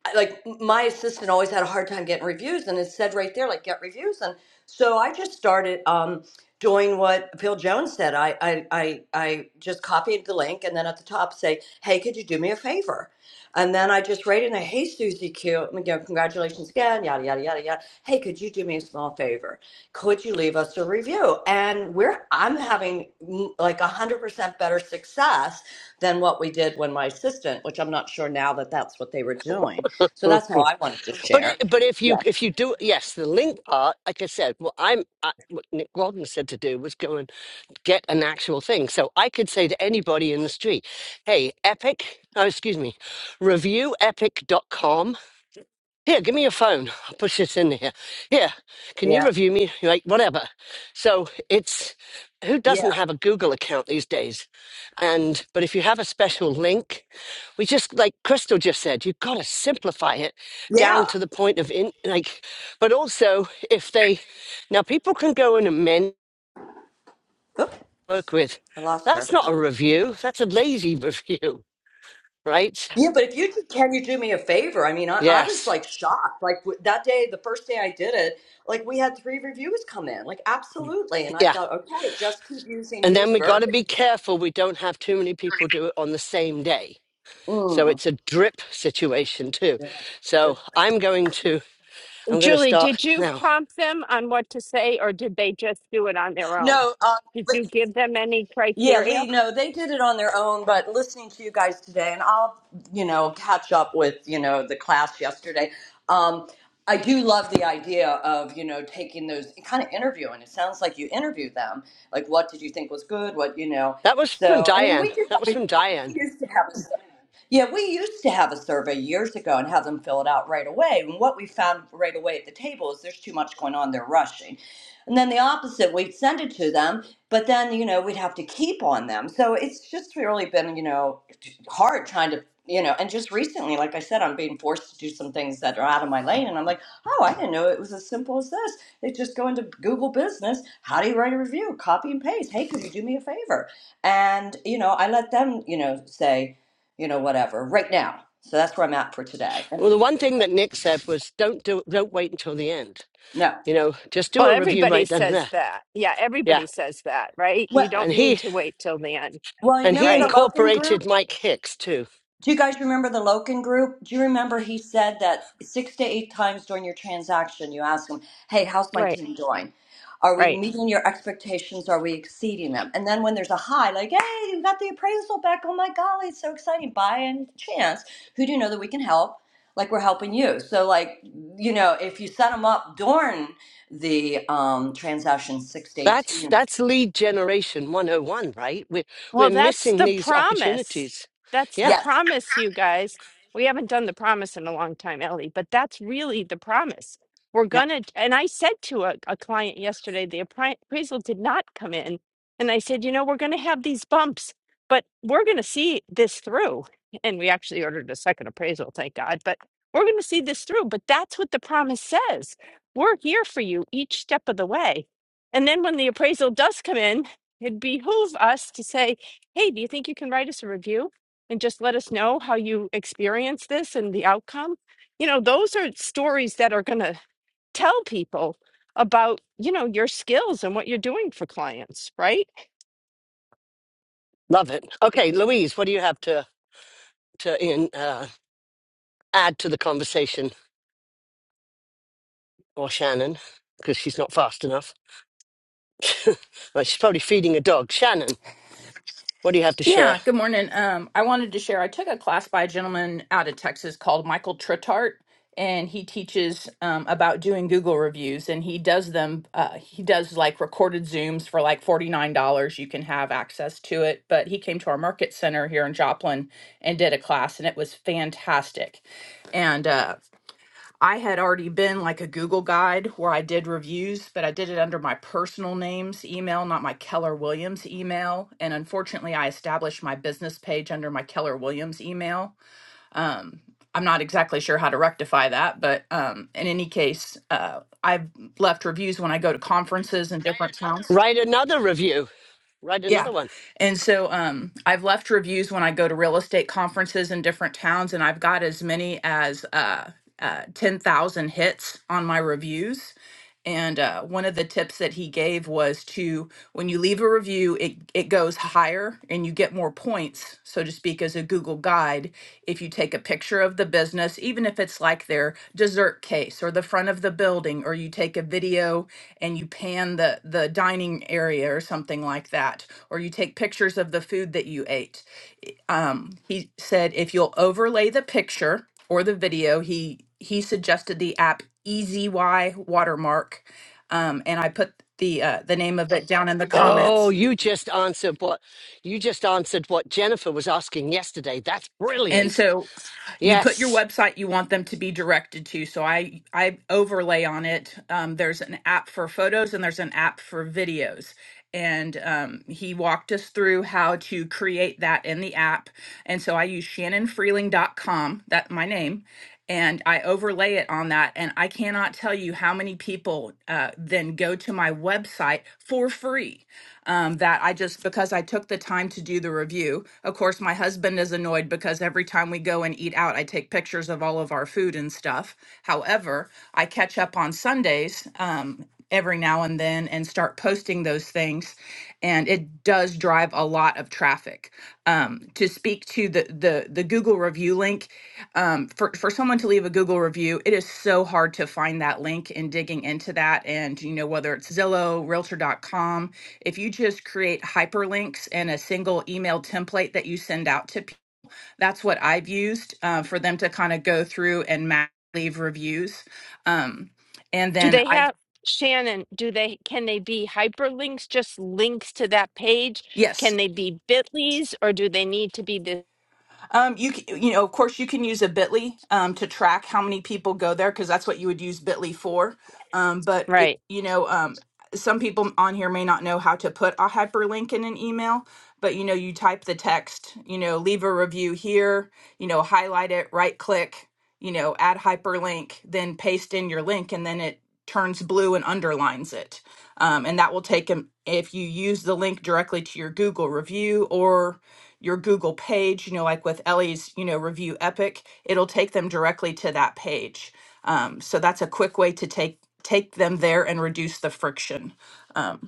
[SPEAKER 6] I- Like my assistant always had a hard time getting reviews, and it said right there, like get reviews. And so I just started um, doing what Phil Jones said. I, I I I just copied the link, and then at the top say, hey, could you do me a favor? And then I just write in there, hey, Susie Q, you know, congratulations again, yada, yada, yada, yada. Hey, could you do me a small favor? Could you leave us a review? And we're, I'm having mm, like 100% better success than what we did when my assistant, which I'm not sure now that that's what they were doing. So that's how I wanted to
[SPEAKER 2] But
[SPEAKER 6] share.
[SPEAKER 2] it, but if you
[SPEAKER 6] Yeah.
[SPEAKER 2] if you do yes, the link part, like I said, what I'm I, what Nick Walden said to do was go and get an actual thing. So I could say to anybody in the street, "Hey, Epic, oh, excuse me, review epic dot com. Here, give me your phone. I'll push this in here. Here, can you
[SPEAKER 6] Yeah.
[SPEAKER 2] review me? Like, whatever. So it's who doesn't
[SPEAKER 6] Yeah.
[SPEAKER 2] have a Google account these days? And, but if you have a special link, we just, like Crystal just said, you've got to simplify it down
[SPEAKER 6] Yeah.
[SPEAKER 2] to the point of, in, like, but also if they, now people can go and amend,
[SPEAKER 6] Oop,
[SPEAKER 2] work with,
[SPEAKER 6] I lost her.
[SPEAKER 2] that's not a review. That's a lazy review, right?
[SPEAKER 6] Yeah, but if you could, can you do me a favor? I mean, I, I was
[SPEAKER 2] Yes.
[SPEAKER 6] like shocked. Like w- that day, the first day I did it, like we had three reviews come in, like absolutely. And I
[SPEAKER 2] Yeah.
[SPEAKER 6] thought, okay, just keep using
[SPEAKER 2] And then
[SPEAKER 6] his
[SPEAKER 2] we got
[SPEAKER 6] verb.
[SPEAKER 2] to be careful we don't have too many people do it on the same day. So
[SPEAKER 6] Mm.
[SPEAKER 2] it's a drip situation too.
[SPEAKER 6] Yeah, good
[SPEAKER 2] So
[SPEAKER 6] point.
[SPEAKER 2] I'm going to I'm going to
[SPEAKER 1] Julie,
[SPEAKER 2] start
[SPEAKER 1] did you
[SPEAKER 2] now.
[SPEAKER 1] prompt them on what to say or did they just do it on their own?
[SPEAKER 6] No,
[SPEAKER 1] Did
[SPEAKER 6] um,
[SPEAKER 1] you give them any
[SPEAKER 6] Yeah,
[SPEAKER 1] criteria?
[SPEAKER 6] Lee, no, they did it on their own, but listening to you guys today, and I'll, you know, catch up with, you know, the class yesterday. Um, I do love the idea of, you know, taking those kind of interviewing. It sounds like you interviewed them. Like, what did you think was good? What, you know,
[SPEAKER 2] That was from
[SPEAKER 6] so, I mean,
[SPEAKER 2] Diane.
[SPEAKER 6] we did
[SPEAKER 2] That
[SPEAKER 6] that
[SPEAKER 2] was from
[SPEAKER 6] before. We
[SPEAKER 2] Diane.
[SPEAKER 6] used to have a yeah, we used to have a survey years ago and have them fill it out right away. And what we found right away at the table is there's too much going on, they're rushing. And then the opposite, we'd send it to them but then you know we'd have to keep on them so it's just really been you know hard trying to you know and just recently like i said i'm being forced to do some things that are out of my lane and i'm like oh i didn't know it was as simple as this it's just go into google business how do you write a review copy and paste hey could you do me a favor and you know i let them you know say you know whatever right now so that's where i'm at for today and
[SPEAKER 2] Well, the one thing that Nick said was don't do don't wait until the end.
[SPEAKER 6] no
[SPEAKER 2] You know, just
[SPEAKER 1] Well,
[SPEAKER 2] do a review
[SPEAKER 1] everybody
[SPEAKER 2] right then and
[SPEAKER 1] says
[SPEAKER 2] there.
[SPEAKER 1] that. Yeah,
[SPEAKER 2] Yeah.
[SPEAKER 1] everybody says that, right? You
[SPEAKER 6] well,
[SPEAKER 2] And
[SPEAKER 1] don't need
[SPEAKER 2] he
[SPEAKER 1] to wait till the end,
[SPEAKER 6] well
[SPEAKER 2] and he
[SPEAKER 6] remember the
[SPEAKER 1] right?
[SPEAKER 6] logan group
[SPEAKER 2] incorporated Mike Hicks too.
[SPEAKER 6] Do you guys remember the Loken group? Do you remember he said that six to eight times during your transaction, you ask him, Hey, how's my
[SPEAKER 1] Right,
[SPEAKER 6] team doing? Are we
[SPEAKER 1] right.
[SPEAKER 6] meeting your expectations? Are we exceeding them? And then when there's a high, like, Hey, you got the appraisal back. Oh my golly, it's so exciting. By any chance, who do you know that we can help? Like we're helping you. So, like, you know, if you set them up during the um, transaction six to
[SPEAKER 2] That's
[SPEAKER 6] 18,
[SPEAKER 2] that's lead generation 101, right? We are
[SPEAKER 1] Well,
[SPEAKER 2] we're
[SPEAKER 1] that's
[SPEAKER 2] missing
[SPEAKER 1] the
[SPEAKER 2] these
[SPEAKER 1] promise.
[SPEAKER 2] opportunities.
[SPEAKER 1] That's the
[SPEAKER 2] Yeah.
[SPEAKER 6] yes,
[SPEAKER 1] promise, you guys. We haven't done the promise in a long time, Ellie, but that's really the promise. We're gonna, and I said to a, a client yesterday, the appri- appraisal did not come in. And I said, you know, we're gonna have these bumps, but we're gonna see this through. And we actually ordered a second appraisal, thank God, but we're gonna see this through. But that's what the promise says. We're here for you each step of the way. And then when the appraisal does come in, it behooves us to say, hey, do you think you can write us a review and just let us know how you experience this and the outcome? You know, those are stories that are going to tell people about, you know, your skills and what you're doing for clients, right?
[SPEAKER 2] Love it. Okay, Louise, what do you have to to in, uh, add to the conversation, or Shannon, because she's not fast enough? well, she's probably feeding a dog. Shannon, what do you have to share?
[SPEAKER 7] Yeah, good morning. Um, I wanted to share. I took a class by a gentleman out of Texas called Michael Tritart, and he teaches um, about doing Google reviews. And he does them. Uh, he does like recorded Zooms for like forty nine dollars. You can have access to it. But he came to our market center here in Joplin and did a class, and it was fantastic. And uh, I had already been like a Google guide where I did reviews, but I did it under my personal name's email, not my Keller Williams email. And unfortunately, I established my business page under my Keller Williams email. Um, I'm not exactly sure how to rectify that, but um, in any case, uh, I've left reviews when I go to conferences in different towns.
[SPEAKER 2] Write another review. Write
[SPEAKER 7] Yeah.
[SPEAKER 2] another one.
[SPEAKER 7] And so um, I've left reviews when I go to real estate conferences in different towns, and I've got as many as uh, uh, 10,000 hits on my reviews. And uh, one of the tips that he gave was to, when you leave a review, it, it goes higher and you get more points, so to speak, as a Google guide. If you take a picture of the business, even if it's like their dessert case or the front of the building, or you take a video and you pan the, the dining area or something like that, or you take pictures of the food that you ate um, he said if you'll overlay the picture or the video, he he suggested the app EasyY Watermark, um, and I put the uh, the name of it down in the
[SPEAKER 2] Oh,
[SPEAKER 7] comments.
[SPEAKER 2] you just answered what you just answered what Jennifer was asking yesterday. That's
[SPEAKER 7] And
[SPEAKER 2] brilliant.
[SPEAKER 7] so you put your
[SPEAKER 2] Yes.
[SPEAKER 7] website you want them to be directed to so i i overlay on it um, there's an app for photos and there's an app for videos and um, he walked us through how to create that in the app and so i use shannon freeling dot com that my name and i overlay it on that and i cannot tell you how many people uh, then go to my website for free um, that I just, because I took the time to do the review. Of course, my husband is annoyed because every time we go and eat out, I take pictures of all of our food and stuff. However, I catch up on Sundays um, every now and then and start posting those things. And it does drive a lot of traffic. Um, to speak to the, the, the Google review link, um, for, for someone to leave a Google review, it is so hard to find that link and digging into that. And, you know, whether it's Zillow, Realtor.com, if you just create hyperlinks in a single email template that you send out to people, that's what I've used uh, for them to kind of go through and map leave reviews. Um, and
[SPEAKER 1] Do
[SPEAKER 7] then
[SPEAKER 1] they
[SPEAKER 7] I,
[SPEAKER 1] have, Shannon, do they, can they be hyperlinks, just links to that page?
[SPEAKER 7] yes.
[SPEAKER 1] Can they be bit.lys or do they need to be this?
[SPEAKER 7] Um, you c- you know, of course, you can use a Bitly um, to track how many people go there because that's what you would use Bitly for. Um, but it,
[SPEAKER 1] Right.
[SPEAKER 7] you know, um, some people on here may not know how to put a hyperlink in an email. But you know, you type the text. You know, leave a review here. You know, highlight it, right click. You know, add hyperlink, then paste in your link, and then it turns blue and underlines it. Um, and that will take them, if you use the link directly to your Google review or your Google page, you know, like with Ellie's, you know, review epic, it'll take them directly to that page. Um, so that's a quick way to take take them there and reduce the friction. Um,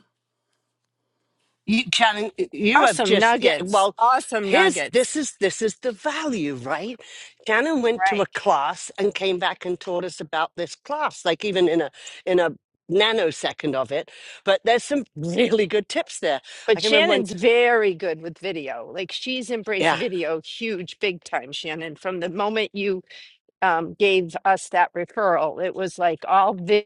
[SPEAKER 2] You Shannon, you have
[SPEAKER 1] Awesome
[SPEAKER 2] just yeah.
[SPEAKER 1] nuggets.
[SPEAKER 2] Well,
[SPEAKER 1] Awesome
[SPEAKER 2] here's
[SPEAKER 1] nuggets.
[SPEAKER 2] this is this is the value, right? Shannon went to a
[SPEAKER 1] Right.
[SPEAKER 2] class and came back and taught us about this class, like even in a in a nanosecond of it. But there's some really good tips there.
[SPEAKER 1] But
[SPEAKER 2] I can remember when
[SPEAKER 1] Shannon's very good with video. Like she's embraced
[SPEAKER 2] yeah
[SPEAKER 1] video huge, big time, Shannon. From the moment you um, gave us that referral, it was like all this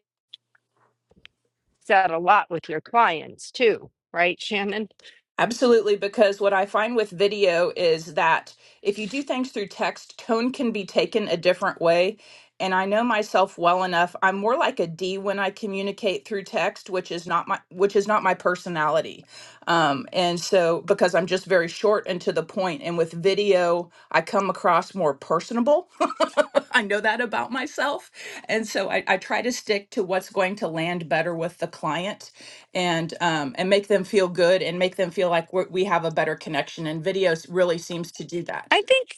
[SPEAKER 1] said a lot with your clients too. Right, Shannon?
[SPEAKER 7] Absolutely, because what I find with video is that if you do things through text, tone can be taken a different way. And I know myself well enough. I'm more like a D when I communicate through text, which is not my which is not my personality. Um, and so because I'm just very short and to the point, and with video, I come across more personable. I know that about myself. And so I, I try to stick to what's going to land better with the client and um, and make them feel good and make them feel like we're, we have a better connection. And videos really seems to do
[SPEAKER 1] I
[SPEAKER 7] that.
[SPEAKER 1] think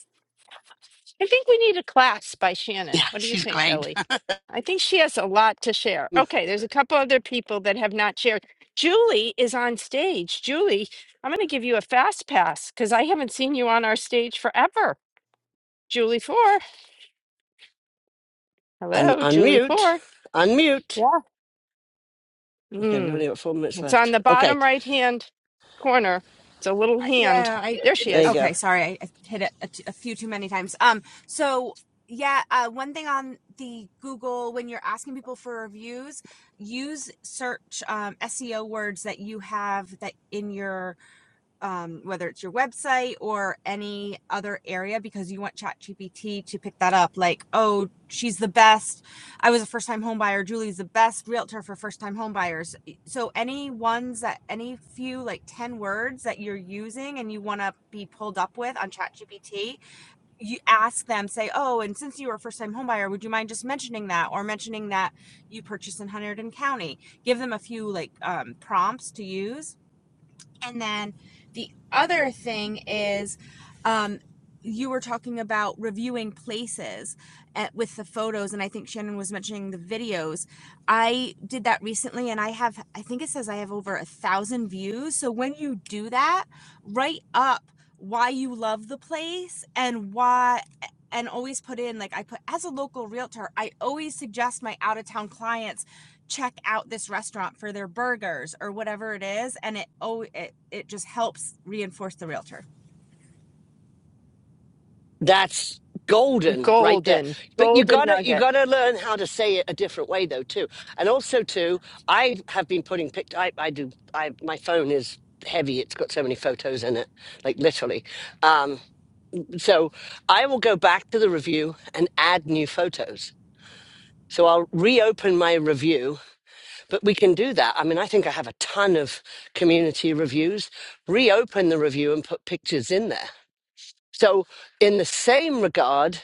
[SPEAKER 1] I think we need a class by Shannon.
[SPEAKER 2] yeah
[SPEAKER 1] What do you
[SPEAKER 2] she's
[SPEAKER 1] think,
[SPEAKER 2] great.
[SPEAKER 1] Ellie? I think she has a lot to share. Okay, there's a couple other people that have not shared. Julie is on stage. Julie, I'm going to give you a fast pass because I haven't seen you on our stage forever. Julie Four.
[SPEAKER 2] Un-
[SPEAKER 1] Hello, Julie
[SPEAKER 2] unmute,
[SPEAKER 1] Four.
[SPEAKER 2] unmute.
[SPEAKER 1] Yeah.
[SPEAKER 2] Okay, we
[SPEAKER 1] Mm,
[SPEAKER 2] only got four minutes
[SPEAKER 1] it's on
[SPEAKER 2] left.
[SPEAKER 1] the
[SPEAKER 2] Okay,
[SPEAKER 1] bottom right hand corner. It's a little hand.
[SPEAKER 8] yeah i
[SPEAKER 1] There she
[SPEAKER 8] it's,
[SPEAKER 2] there you
[SPEAKER 1] is.
[SPEAKER 2] go.
[SPEAKER 8] okay sorry i hit it a, t- a few too many times um so yeah uh, one thing on the google when you're asking people for reviews use search um, seo words that you have that in your um, whether it's your website or any other area because you want ChatGPT to pick that up. Like, oh, she's the best. I was a first time home buyer. Julie's the best realtor for first time home buyers. So, any ones that, any few like 10 words that you're using and you want to be pulled up with on ChatGPT, you ask them, say, oh, and since you were a first time home buyer, would you mind just mentioning that or mentioning that you purchased in Hunterdon County? Give them a few like um, prompts to use and then the other thing is, um, you were talking about reviewing places at, with the photos, and I think Shannon was mentioning the videos. I did that recently, and I have, I think it says I have over a thousand views. So when you do that, write up why you love the place and why. And always put in, like I put as a local realtor, I always suggest my out of town clients check out this restaurant for their burgers or whatever it is and it oh it, it just helps reinforce the realtor
[SPEAKER 2] That's golden right there.
[SPEAKER 1] Golden,
[SPEAKER 2] But you
[SPEAKER 1] golden
[SPEAKER 2] gotta you
[SPEAKER 1] nugget.
[SPEAKER 2] gotta learn how to say it a different way though too. And also too, I have been putting picked I I do I my phone is heavy. It's got so many photos in it, like literally. Um so I will go back to the review and add new photos. So I'll reopen my review, but we can do that. I mean, I think I have a ton of community reviews. Reopen the review and put pictures in there. So in the same regard,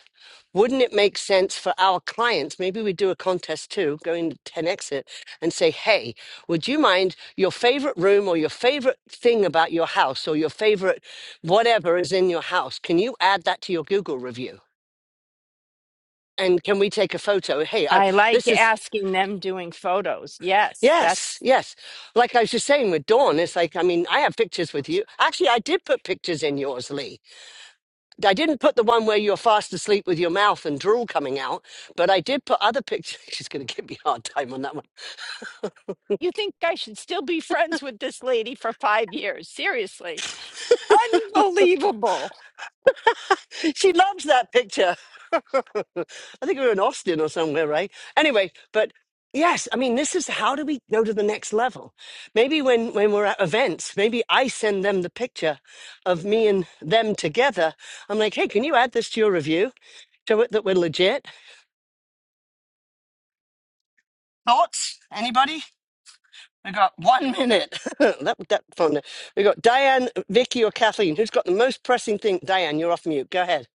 [SPEAKER 2] wouldn't it make sense for our clients maybe we do a contest too going to 10 exit and say hey would you mind your favorite room or your favorite thing about your house or your favorite whatever is in your house can you add that to your google review and can we take a photo hey I,
[SPEAKER 1] I like
[SPEAKER 2] this is
[SPEAKER 1] asking them doing photos. Yes,
[SPEAKER 2] yes
[SPEAKER 1] that's.
[SPEAKER 2] yes like i was just saying with dawn it's like i mean i have pictures with you actually i did put pictures in yours lee I didn't put the one where you're fast asleep with your mouth and drool coming out, but I did put other pictures. She's going to give me a hard time on that one.
[SPEAKER 1] You think I should still be friends with this lady for five years? Seriously. Unbelievable.
[SPEAKER 2] She loves that picture. I think we were in Austin or somewhere, right? Anyway, but yes, I mean, this is how do we go to the next level? Maybe when, when we're at events, maybe I send them the picture of me and them together. I'm like, hey, can you add this to your review? Show it that we're legit. Thoughts? Anybody? We got one minute. that that phone. We got Diane, Vicky, or Kathleen. Who's got the most pressing thing? Diane, you're off mute. Go ahead.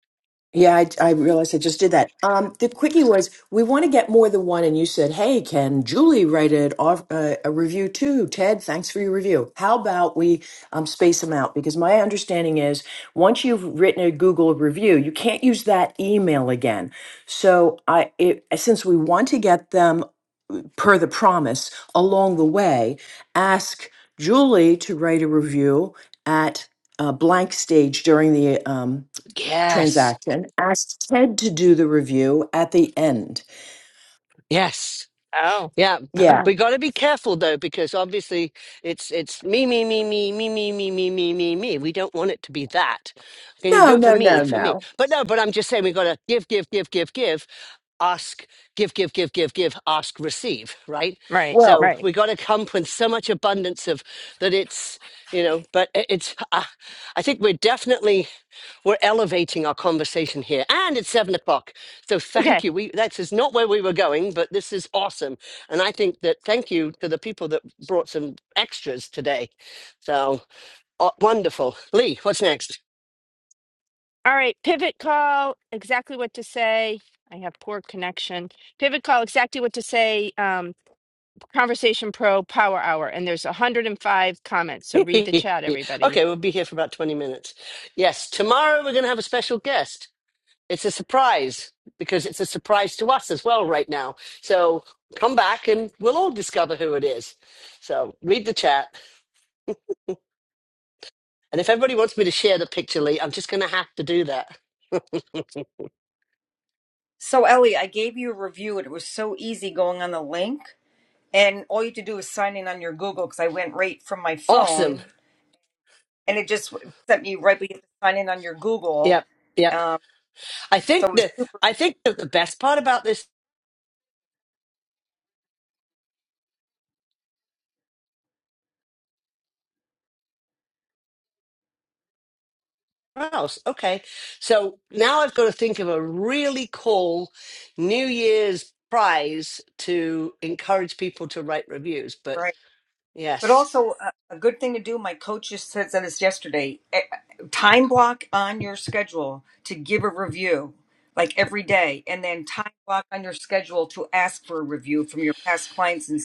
[SPEAKER 9] Yeah, I, I realized I just did that. Um, the quickie was we want to get more than one, and you said, "Hey, can Julie write it off, uh, a review too?" Ted, thanks for your review. How about we um, space them out? Because my understanding is once you've written a Google review, you can't use that email again. So I, it, since we want to get them per the promise along the way, ask Julie to write a review at a blank stage during the um,
[SPEAKER 2] Yes.
[SPEAKER 9] transaction, asked Ted to do the review at the end.
[SPEAKER 2] Yes.
[SPEAKER 1] Oh,
[SPEAKER 2] Yeah, b-
[SPEAKER 9] Yeah.
[SPEAKER 1] oh,
[SPEAKER 2] we got to be careful though, because obviously it's it's me, me, me, me, me, me, me, me, me, me, me. We don't want it to be that. Can you do
[SPEAKER 9] No,
[SPEAKER 2] it for
[SPEAKER 9] no,
[SPEAKER 2] me,
[SPEAKER 9] no,
[SPEAKER 2] for me?
[SPEAKER 9] no.
[SPEAKER 2] But no, but I'm just saying we got to give, give, give, give, give, ask, give, give, give, give, give, ask, receive, right?
[SPEAKER 1] right,
[SPEAKER 9] Well,
[SPEAKER 2] So
[SPEAKER 1] right.
[SPEAKER 2] we got to come with so much abundance of that it's you know, but i- it's. Uh, I think we're definitely we're elevating our conversation here, and it's seven o'clock. So
[SPEAKER 1] Okay.
[SPEAKER 2] thank you. We that is not where we were going, but this is awesome. And I think that thank you to the people that brought some extras today. So uh, wonderful. Lee, what's next?
[SPEAKER 1] All right. Pivot call, exactly what to say. I have poor connection. Pivot call, exactly what to say. Um, Conversation Pro Power Hour. And there's 105 comments. So read the
[SPEAKER 2] okay,
[SPEAKER 1] chat, everybody.
[SPEAKER 2] we'll be here for about 20 minutes. Yes, tomorrow we're going to have a special guest. It's a surprise because it's a surprise to us as well right now. So come back and we'll all discover who it is. So read the chat. And if everybody wants me to share the picture, Lee, I'm just going to have to do that.
[SPEAKER 10] So, Ellie, I gave you a review it was so easy going on the link. And all you had to do was sign in on your Google because I went right from my
[SPEAKER 2] Awesome.
[SPEAKER 10] phone and it just sent me right. But you have to sign in on your Google.
[SPEAKER 2] Yep. Yep.
[SPEAKER 10] Um,
[SPEAKER 2] I think
[SPEAKER 10] so it was
[SPEAKER 2] that
[SPEAKER 10] super
[SPEAKER 2] I think that the best part about this else. Okay. So now I've got to think of a really cool New Year's prize to encourage people to write reviews. But
[SPEAKER 10] right. But
[SPEAKER 2] yes.
[SPEAKER 10] also, uh, a good thing to do, my coach just said this yesterday eh, time block on your schedule to give a review like every day, and then time block on your schedule to ask for a review from your past clients and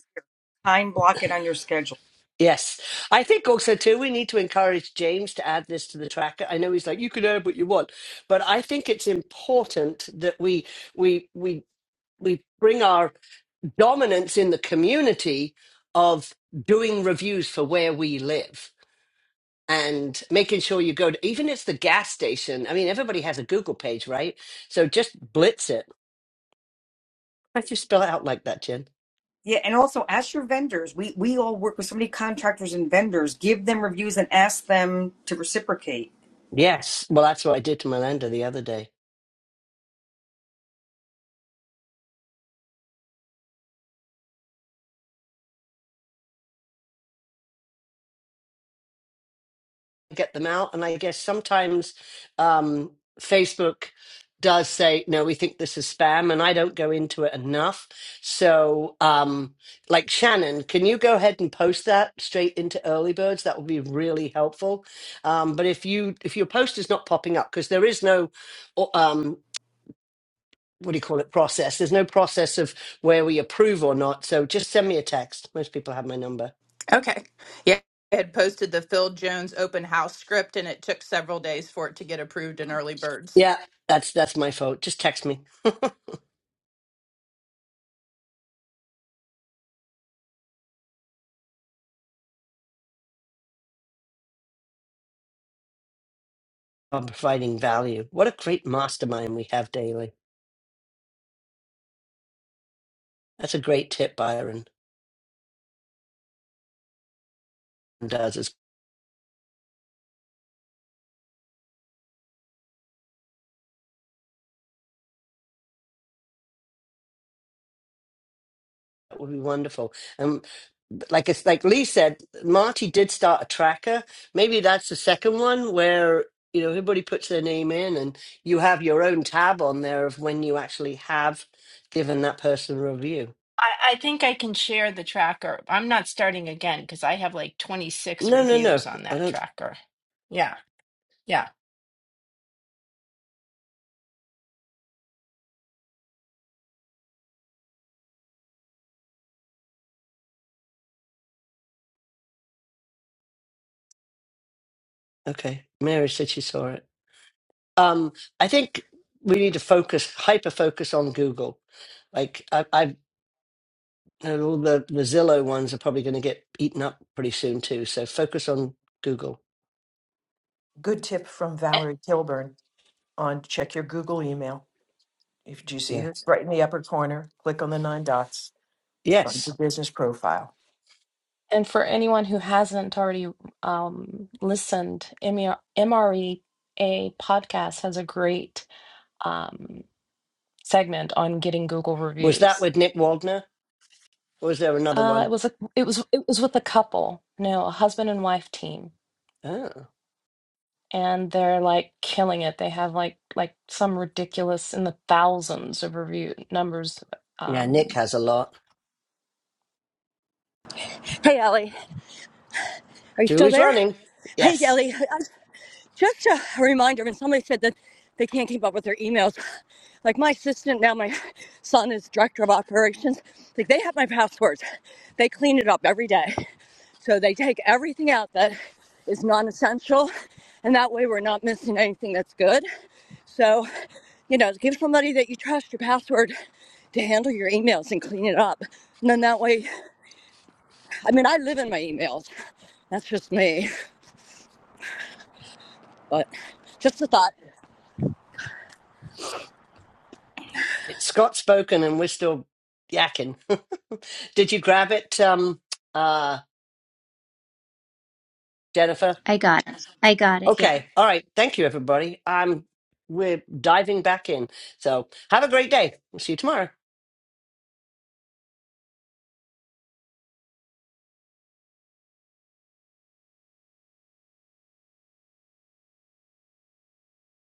[SPEAKER 10] time block it on your schedule.
[SPEAKER 2] Yes. I think also too we need to encourage James to add this to the tracker. I know he's like, you can add what you want, but I think it's important that we we we we bring our dominance in the community of doing reviews for where we live and making sure you go to even if it's the gas station. I mean, everybody has a Google page, right? So just blitz it. Why'd you spell it out like that, Jen?
[SPEAKER 10] Yeah, and also ask your vendors. We we all work with so many contractors and vendors. Give them reviews and ask them to reciprocate.
[SPEAKER 2] Yes. Well, that's what I did to Melinda the other day. get them out. And I guess sometimes um, Facebook does say, no, we think this is spam, and I don't go into it enough. So, um, like Shannon, can you go ahead and post that straight into Early Birds? That would be really helpful. Um, but if you if your post is not popping up because there is no or, um, what do you call it process? There's no process of where we approve or not. So just send me a text. Most people have my number.
[SPEAKER 7] Okay. Yeah. I had posted the Phil Jones open house script, and it took several days for it to get approved in early birds.
[SPEAKER 2] Yeah, that's that's my fault. Just text me. on providing value. What a great mastermind we have daily. That's a great tip Byron does. It's, that would be wonderful. And like it's like Lee said, Marty did start a tracker. Maybe that's the second one where you know everybody puts their name in and you have your own tab on there of when you actually have given that person a review.
[SPEAKER 1] I, I think I can share the tracker. I'm not starting again because I have like 26
[SPEAKER 2] No, no, no.
[SPEAKER 1] reviews on
[SPEAKER 2] I
[SPEAKER 1] that
[SPEAKER 2] don't
[SPEAKER 1] tracker. Yeah. Yeah.
[SPEAKER 2] okay. Mary said she saw it. Um I think we need to focus hyper focus on Google like I, I've and all the, the Zillow ones are probably going to get eaten up pretty soon too. So focus on Google.
[SPEAKER 9] Good tip from Valerie Kilburn on check your Google email. If you see her
[SPEAKER 2] Yes.
[SPEAKER 9] right in the upper corner, click on the nine dots, find your
[SPEAKER 2] Yes.
[SPEAKER 9] business profile.
[SPEAKER 4] And for anyone who hasn't already um, listened, MR MREA podcast has a great um, segment on getting Google
[SPEAKER 2] Was that
[SPEAKER 4] reviews.
[SPEAKER 2] with Nick Waldner? Or was there another
[SPEAKER 4] Uh, it
[SPEAKER 2] one?
[SPEAKER 4] was a, it was it was with a couple, no, a husband and wife team,
[SPEAKER 2] Oh.
[SPEAKER 4] and they're like killing it. They have like like some ridiculous in the thousands of review numbers.
[SPEAKER 2] Yeah,
[SPEAKER 4] Um,
[SPEAKER 2] Nick has a lot.
[SPEAKER 6] Hey, Ellie, are you still
[SPEAKER 2] Julie's
[SPEAKER 6] there?
[SPEAKER 2] running.
[SPEAKER 6] Hey,
[SPEAKER 2] Yes.
[SPEAKER 6] Ellie, just a reminder when somebody said that they can't keep up with their emails like my assistant now my son is director of operations like they have my passwords they clean it up every day so they take everything out that is non-essential and that way we're not missing anything that's good so you know give somebody that you trust your password to handle your emails and clean it up and then that way i mean i live in my emails that's just me but just a thought
[SPEAKER 2] It's Scott's spoken and we're still yakking. Did you grab it, um, uh, Jennifer?
[SPEAKER 5] I got it. I got it. Yeah.
[SPEAKER 2] Okay. All right. Thank you, everybody. Um, we're diving back in. So have a great day. We'll see you tomorrow.